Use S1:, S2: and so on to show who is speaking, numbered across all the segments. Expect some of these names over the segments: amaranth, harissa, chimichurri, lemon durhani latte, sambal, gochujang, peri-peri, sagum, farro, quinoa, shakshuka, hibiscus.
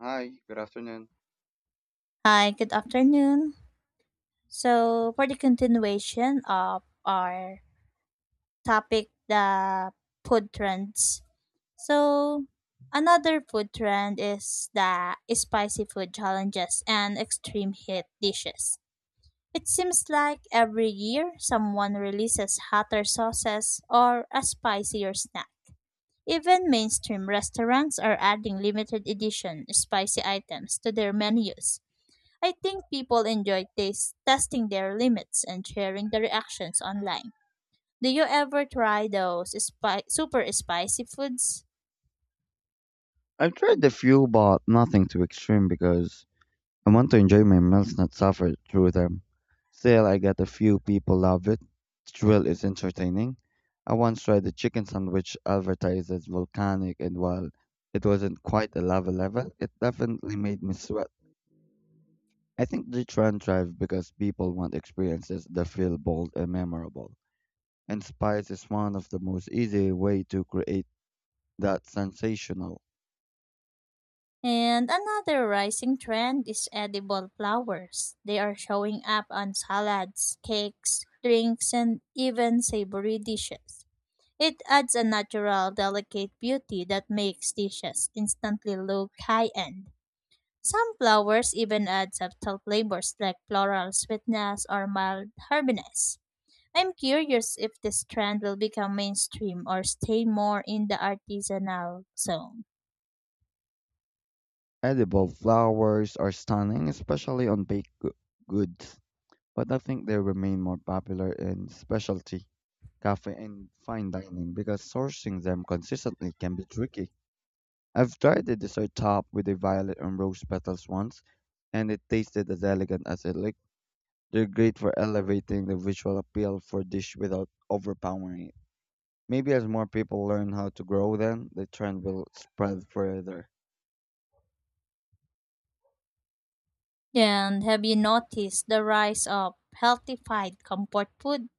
S1: Hi, good afternoon.
S2: Hi, good afternoon. So, for the continuation of our topic, the food trends. So, another food trend is the spicy food challenges and extreme heat dishes. It seems like every year someone releases hotter sauces or a spicier snack. Even mainstream restaurants are adding limited edition spicy items to their menus. I think people enjoy taste, testing their limits and sharing the reactions online. Do you ever try those super spicy foods?
S1: I've tried a few, but nothing too extreme because I want to enjoy my meals, not suffer through them. Still, I get a few people love it. The thrill is entertaining. I once tried a chicken sandwich advertised as volcanic, and while it wasn't quite a lava level, it definitely made me sweat. I think the trend thrives because people want experiences that feel bold and memorable, and spice is one of the most easy way to create that sensational.
S2: And another rising trend is edible flowers. They are showing up on salads, cakes, drinks, and even savory dishes. It adds a natural, delicate beauty that makes dishes instantly look high end. Some flowers even add subtle flavors like floral sweetness or mild herbiness. I'm curious if this trend will become mainstream or stay more in the artisanal zone.
S1: Edible flowers are stunning, especially on baked goods, but I think they remain more popular in specialty cafe and fine dining because sourcing them consistently can be tricky. I've tried a dessert top with a violet and rose petals once, and it tasted as elegant as it looked. They're great for elevating the visual appeal for a dish without overpowering it. Maybe as more people learn how to grow them, the trend will spread further.
S2: And have you noticed the rise of healthified comfort food?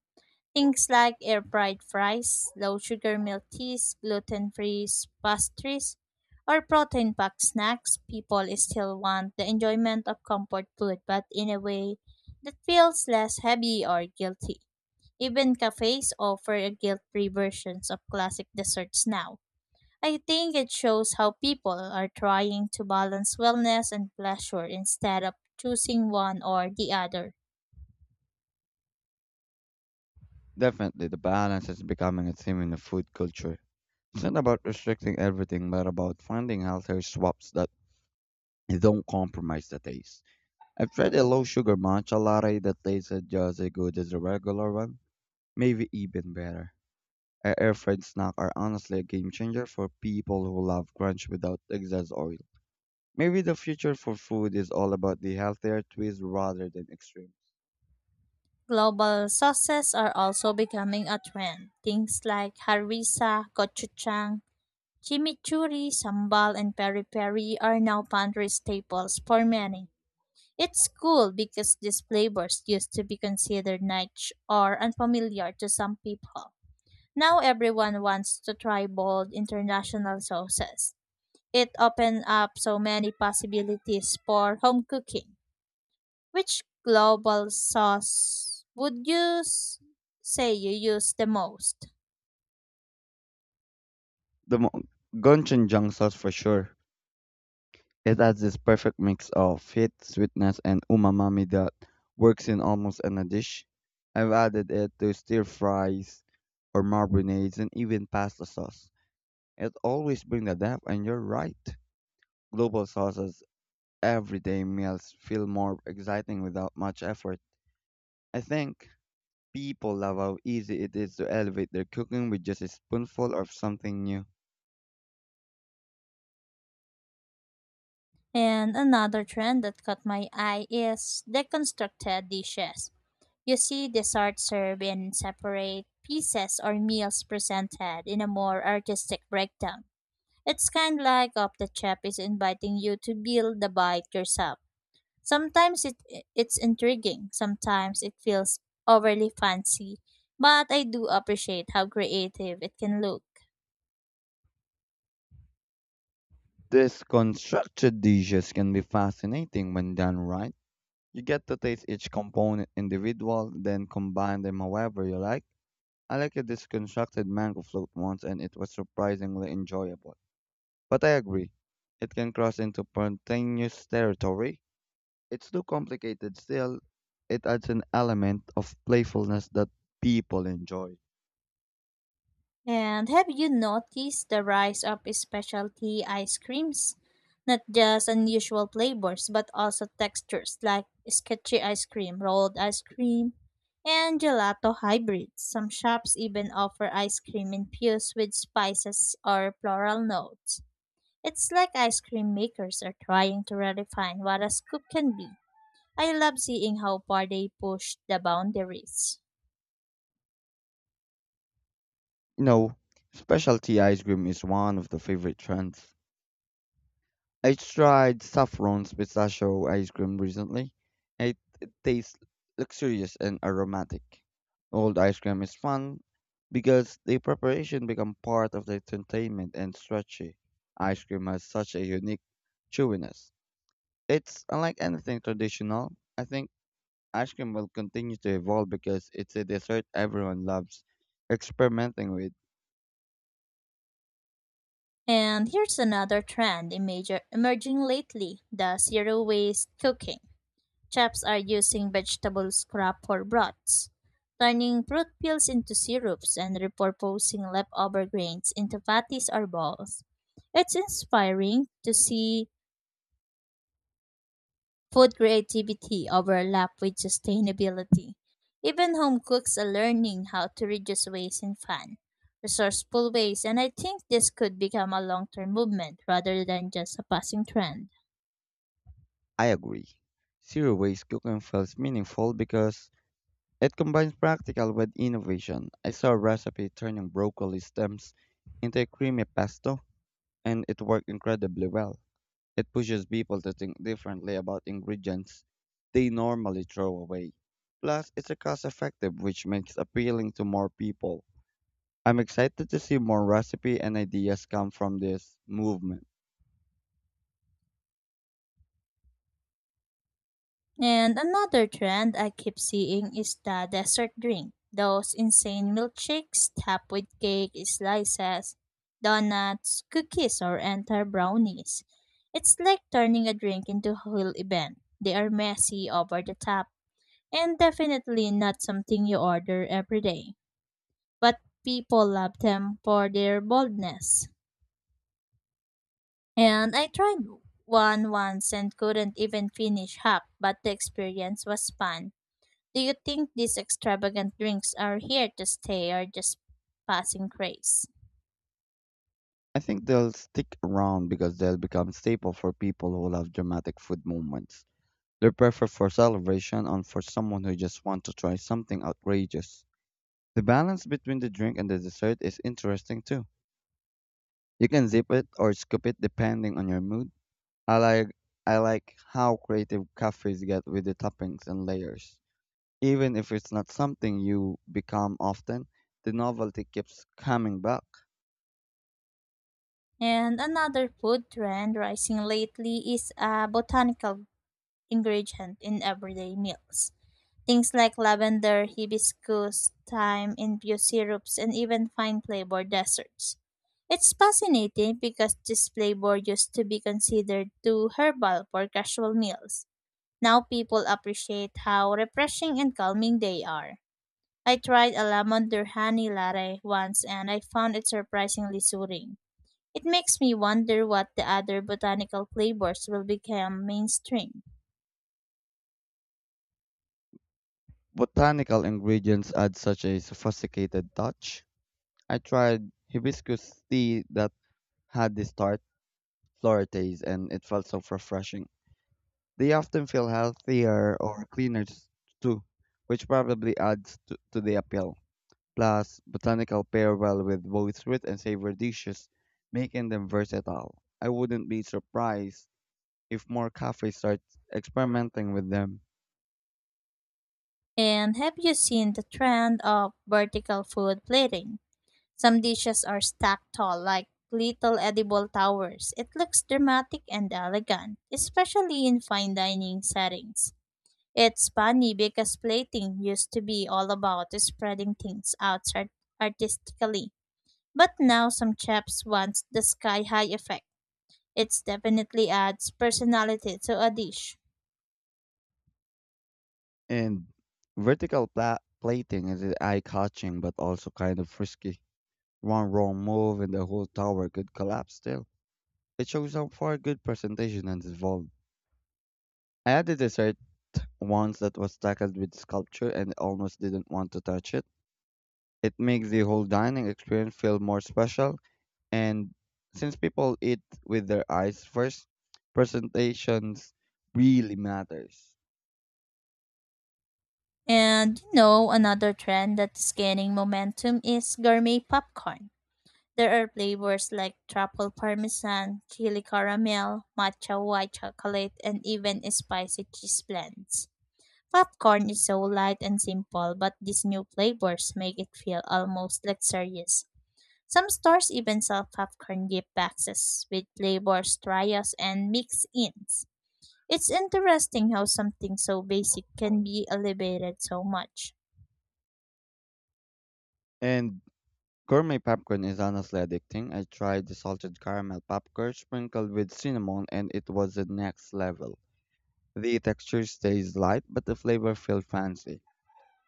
S2: Things like air fried fries, low sugar milk teas, gluten free pastries, or protein packed snacks, people still want the enjoyment of comfort food but in a way that feels less heavy or guilty. Even cafes offer guilt free versions of classic desserts now. I think it shows how people are trying to balance wellness and pleasure instead of choosing one or the other.
S1: Definitely, the balance is becoming a theme in the food culture. It's not about restricting everything, but about finding healthier swaps that don't compromise the taste. I've tried a low sugar matcha latte that tasted just as good as the regular one, maybe even better. A air fried snack are honestly a game changer for people who love crunch without excess oil. Maybe the future for food is all about the healthier twist rather than extremes.
S2: Global sauces are also becoming a trend. Things like harissa, gochujang, chimichurri, sambal, and peri-peri are now pantry staples for many. It's cool because these flavors used to be considered niche or unfamiliar to some people. Now everyone wants to try bold international sauces. It opens up so many possibilities for home cooking. Which global sauce would you say you use the most?
S1: The mo- Gochujang sauce for sure. It has this perfect mix of heat, sweetness, and umami that works in almost any dish. I've added it to stir fries or marinades and even pasta sauce. It always brings the depth, and you're right. Global sauces, everyday meals feel more exciting without much effort. I think people love how easy it is to elevate their cooking with just a spoonful of something new.
S2: And another trend that caught my eye is deconstructed dishes. You see desserts served in separate pieces or meals presented in a more artistic breakdown. It's kind of like of the chef is inviting you to build the bite yourself. Sometimes it's intriguing, sometimes it feels overly fancy, but I do appreciate how creative it can look.
S1: These constructed dishes can be fascinating when done right. You get to taste each component individual, then combine them however you like. I like a disconstructed mango float once and it was surprisingly enjoyable. But I agree, it can cross into spontaneous territory. It's too complicated still. It adds an element of playfulness that people enjoy.
S2: And have you noticed the rise of specialty ice creams? Not just unusual flavors, but also textures like sketchy ice cream, rolled ice cream, and gelato hybrids. Some shops even offer ice cream infused with spices or floral notes. It's like ice cream makers are trying to redefine what a scoop can be. I love seeing how far they push the boundaries.
S1: You know, specialty ice cream is one of the favorite trends. I tried Saffron's pistachio ice cream recently. It tastes luxurious and aromatic. Old ice cream is fun because the preparation becomes part of the entertainment and strategy. Ice cream has such a unique chewiness. It's unlike anything traditional. I think ice cream will continue to evolve because it's a dessert everyone loves experimenting with.
S2: And here's another trend emerging lately, the zero waste cooking. Chefs are using vegetable scrap for broths, turning fruit peels into syrups and repurposing leftover grains into patties or balls. It's inspiring to see food creativity overlap with sustainability. Even home cooks are learning how to reduce waste in fun, resourceful ways, and I think this could become a long-term movement rather than just a passing trend.
S1: I agree. Zero waste cooking feels meaningful because it combines practical with innovation. I saw a recipe turning broccoli stems into a creamy pesto, and it worked incredibly well. It pushes people to think differently about ingredients they normally throw away. Plus, it's a cost effective, which makes appealing to more people. I'm excited to see more recipe and ideas come from this movement.
S2: And another trend I keep seeing is the dessert drink. Those insane milkshakes topped with cake slices, donuts, cookies, or entire brownies. It's like turning a drink into a whole event. They are messy, over the top, and definitely not something you order every day. But people love them for their boldness. And I tried one once and couldn't even finish half, but the experience was fun. Do you think these extravagant drinks are here to stay or just passing craze?
S1: I think they'll stick around because they'll become staple for people who love dramatic food moments. They're perfect for celebration and for someone who just wants to try something outrageous. The balance between the drink and the dessert is interesting too. You can zip it or scoop it depending on your mood. I like I like how creative cafes get with the toppings and layers. Even if it's not something you become often, the novelty keeps coming back.
S2: And another food trend rising lately is a botanical ingredient in everyday meals. Things like lavender, hibiscus, thyme, infused syrups, and even fine flavor desserts. It's fascinating because this flavor used to be considered too herbal for casual meals. Now people appreciate how refreshing and calming they are. I tried a lemon durhani latte once and I found it surprisingly soothing. It makes me wonder what the other botanical flavors will become mainstream.
S1: Botanical ingredients add such a sophisticated touch. I tried hibiscus tea that had this tart Florites, and it felt so refreshing. They often feel healthier or cleaner too, which probably adds to the appeal. Plus, botanical pair well with both sweet and savory dishes, making them versatile. I wouldn't be surprised if more cafes start experimenting with them.
S2: And have you seen the trend of vertical food plating? Some dishes are stacked tall like little edible towers. It looks dramatic and elegant, especially in fine dining settings. It's funny because plating used to be all about spreading things out artistically, but now some chefs want the sky high effect. It definitely adds personality to a dish.
S1: And vertical plating is eye-catching but also kind of risky. One wrong move and the whole tower could collapse still. It shows how far good presentation has evolved. I had a dessert once that was tackled with sculpture and almost didn't want to touch it. It makes the whole dining experience feel more special, and since people eat with their eyes first, presentations really matters.
S2: And you know, another trend that's gaining momentum is gourmet popcorn. There are flavors like truffle parmesan, chili caramel, matcha white chocolate, and even spicy cheese blends. Popcorn is so light and simple, but these new flavors make it feel almost luxurious. Some stores even sell popcorn gift boxes with flavors, trials, and mix-ins. It's interesting how something so basic can be elevated so much.
S1: And gourmet popcorn is honestly addicting. I tried the salted caramel popcorn sprinkled with cinnamon, and it was the next level. The texture stays light, but the flavor feels fancy.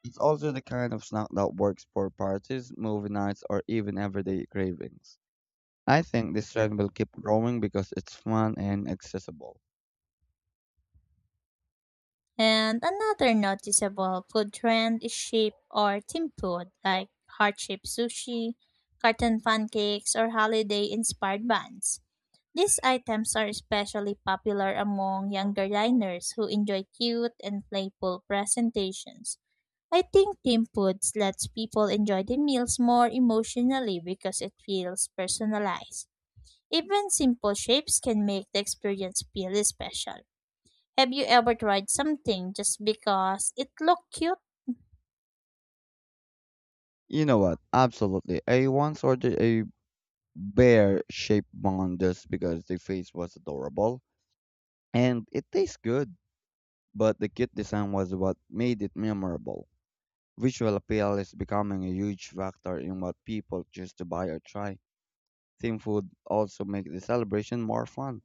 S1: It's also the kind of snack that works for parties, movie nights, or even everyday cravings. I think this trend will keep growing because it's fun and accessible.
S2: And another noticeable food trend is shape or theme food, like heart-shaped sushi, carton pancakes, or holiday-inspired buns. These items are especially popular among younger diners who enjoy cute and playful presentations. I think theme foods lets people enjoy the meals more emotionally because it feels personalized. Even simple shapes can make the experience feel special. Have you ever tried something just because it looked cute?
S1: You know what? Absolutely. I once ordered a bear shaped bun just because the face was adorable and it tastes good, but the cute design was what made it memorable. Visual appeal is becoming a huge factor in what people choose to buy or try. Theme food also makes the celebration more fun.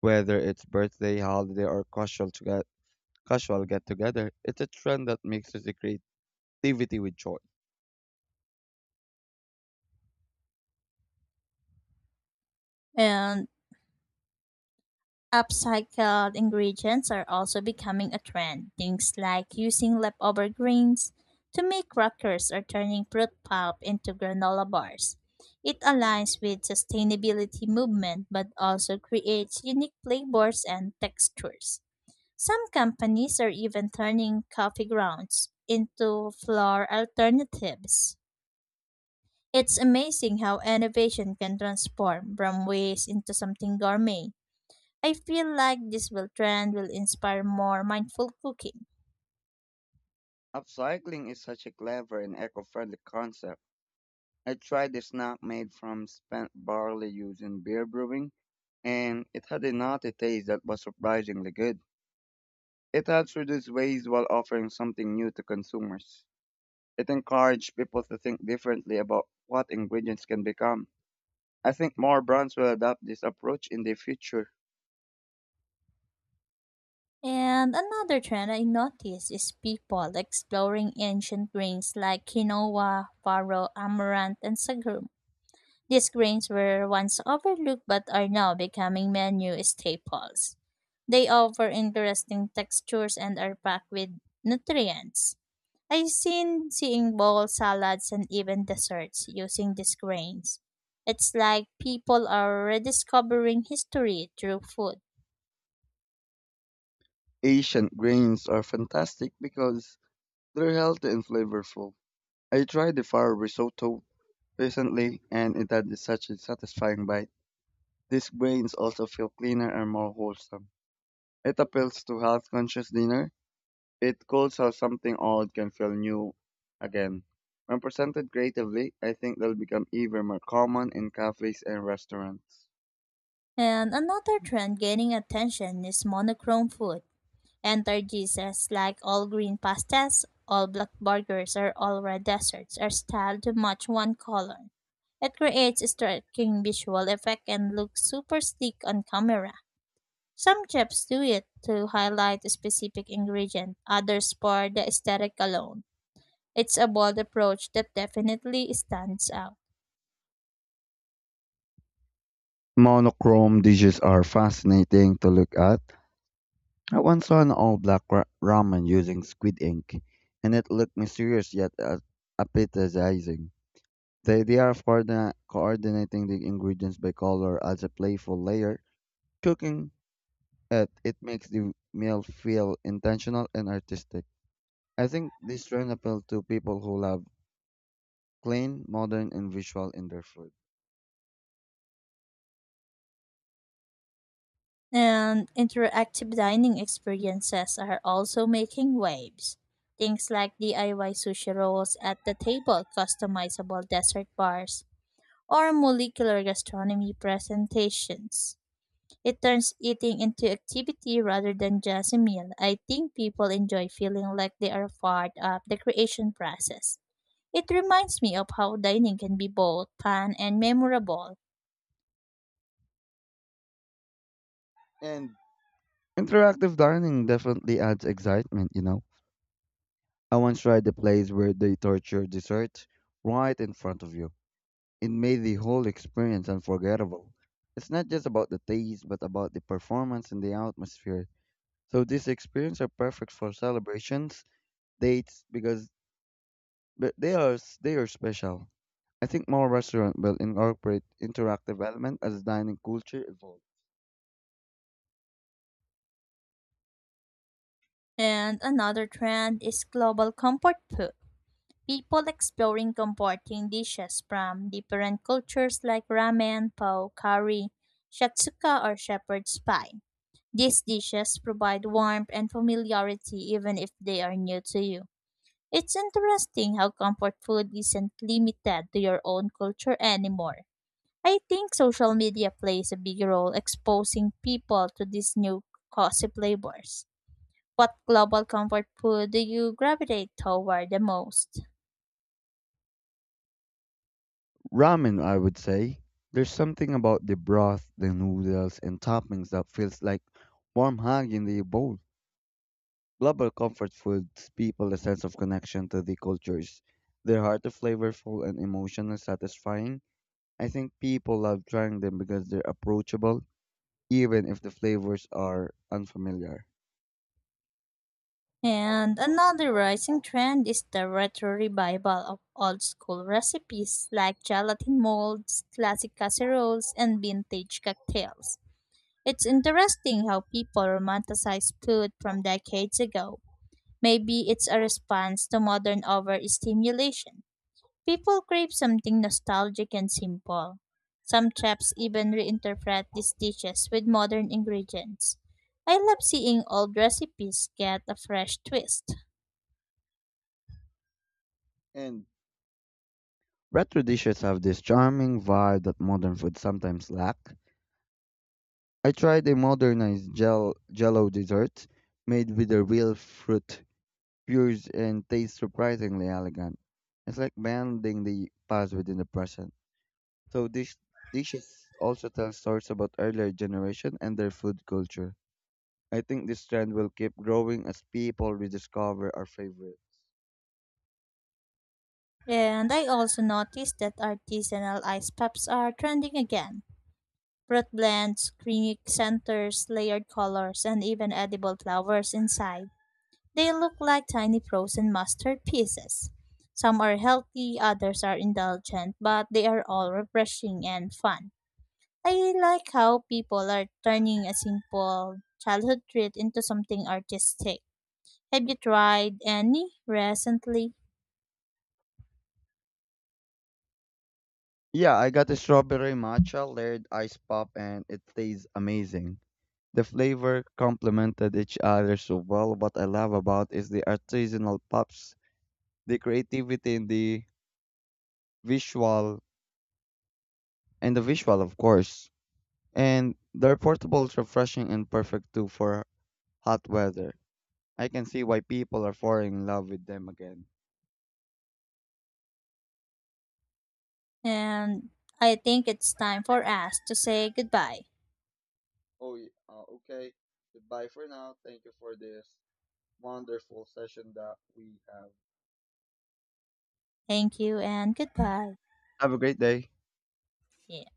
S1: Whether it's birthday, holiday, or casual to get casual get together, it's a trend that mixes the creativity with joy.
S2: And upcycled ingredients are also becoming a trend. Things like using leftover grains to make crackers or turning fruit pulp into granola bars. It aligns with sustainability movement but also creates unique flavors and textures. Some companies are even turning coffee grounds into flour alternatives. It's amazing how innovation can transform from waste into something gourmet. I feel like this will trend will inspire more mindful cooking.
S1: Upcycling is such a clever and eco-friendly concept. I tried a snack made from spent barley used in beer brewing, and it had a nutty taste that was surprisingly good. It helps reduce waste while offering something new to consumers. It encouraged people to think differently about what ingredients can become. I think more brands will adopt this approach in the future.
S2: And another trend I noticed is people exploring ancient grains like quinoa, farro, amaranth, and sagum. These grains were once overlooked but are now becoming menu staples. They offer interesting textures and are packed with nutrients. I've seen seeing bowls, salads, and even desserts using these grains. It's like people are rediscovering history through food.
S1: Asian grains are fantastic because they're healthy and flavorful. I tried the farro risotto recently and it had such a satisfying bite. These grains also feel cleaner and more wholesome. It appeals to health conscious dinner. It calls how something old can feel new again. When presented creatively, I think they'll become even more common in cafes and restaurants.
S2: And another trend gaining attention is monochrome food. Enter Jesus, like all green pastas, all black burgers, or all red desserts, are styled to match one color. It creates a striking visual effect and looks super sleek on camera. Some chefs do it to highlight a specific ingredient, others for the aesthetic alone. It's a bold approach that definitely stands out.
S1: Monochrome dishes are fascinating to look at. I once saw an all-black ramen using squid ink, and it looked mysterious yet appetizing. The idea of coordinating the ingredients by color adds a playful layer. Cooking it makes the meal feel intentional and artistic. I think this trend appeals to people who love clean, modern, and visual in their food.
S2: And interactive dining experiences are also making waves. Things like DIY sushi rolls at the table, customizable dessert bars, or molecular gastronomy presentations. It turns eating into activity rather than just a meal. I think people enjoy feeling like they are part of the creation process. It reminds me of how dining can be both fun and memorable.
S1: And interactive dining definitely adds excitement, you know. I once tried a place where they torture dessert right in front of you. It made the whole experience unforgettable. It's not just about the taste, but about the performance and the atmosphere. So these experiences are perfect for celebrations, dates, because but they are they are special. I think more restaurants will incorporate interactive element as dining culture evolves.
S2: And another trend is global comfort food. People exploring comporting dishes from different cultures like ramen, po, curry, shatsuka, or shepherd's pie. These dishes provide warmth and familiarity even if they are new to you. It's interesting how comfort food isn't limited to your own culture anymore. I think social media plays a big role exposing people to these new cozy flavors. What global comfort food do you gravitate toward the most?
S1: Ramen, I would say, there's something about the broth, the noodles, and toppings that feels like warm hug in the bowl. Global comfort foods people a sense of connection to the cultures. They're hard to flavorful and emotionally satisfying. I think people love trying them because they're approachable, even if the flavors are unfamiliar.
S2: And another rising trend is the retro revival of old school recipes like gelatin molds, classic casseroles, and vintage cocktails. It's interesting how people romanticize food from decades ago. Maybe it's a response to modern overstimulation. People crave something nostalgic and simple. Some chefs even reinterpret these dishes with modern ingredients. I love seeing old recipes get a fresh twist.
S1: And retro dishes have this charming vibe that modern food sometimes lack. I tried a modernized gel jello dessert made with the real fruit pures and tastes surprisingly elegant. It's like blending the past within the present. So these dishes also tell stories about earlier generation and their food culture. I think this trend will keep growing as people rediscover our favorite.
S2: And I also noticed that artisanal ice pops are trending again. Fruit blends, creamy centers, layered colors, and even edible flowers inside. They look like tiny frozen mustard pieces. Some are healthy, others are indulgent, but they are all refreshing and fun. I like how people are turning a simple childhood treat into something artistic. Have you tried any recently?
S1: Yeah, I got a strawberry matcha layered ice pop and it tastes amazing. The flavor complemented each other so well. What I love about is the artisanal pops, the creativity in visual the visual of course. And they're portable, refreshing and perfect too for hot weather. I can see why people are falling in love with them again.
S2: And I think it's time for us to say goodbye.
S1: Oh, okay. Goodbye for now. Thank you for this wonderful session that we have.
S2: Thank you and goodbye.
S1: Have a great day.
S2: Yeah.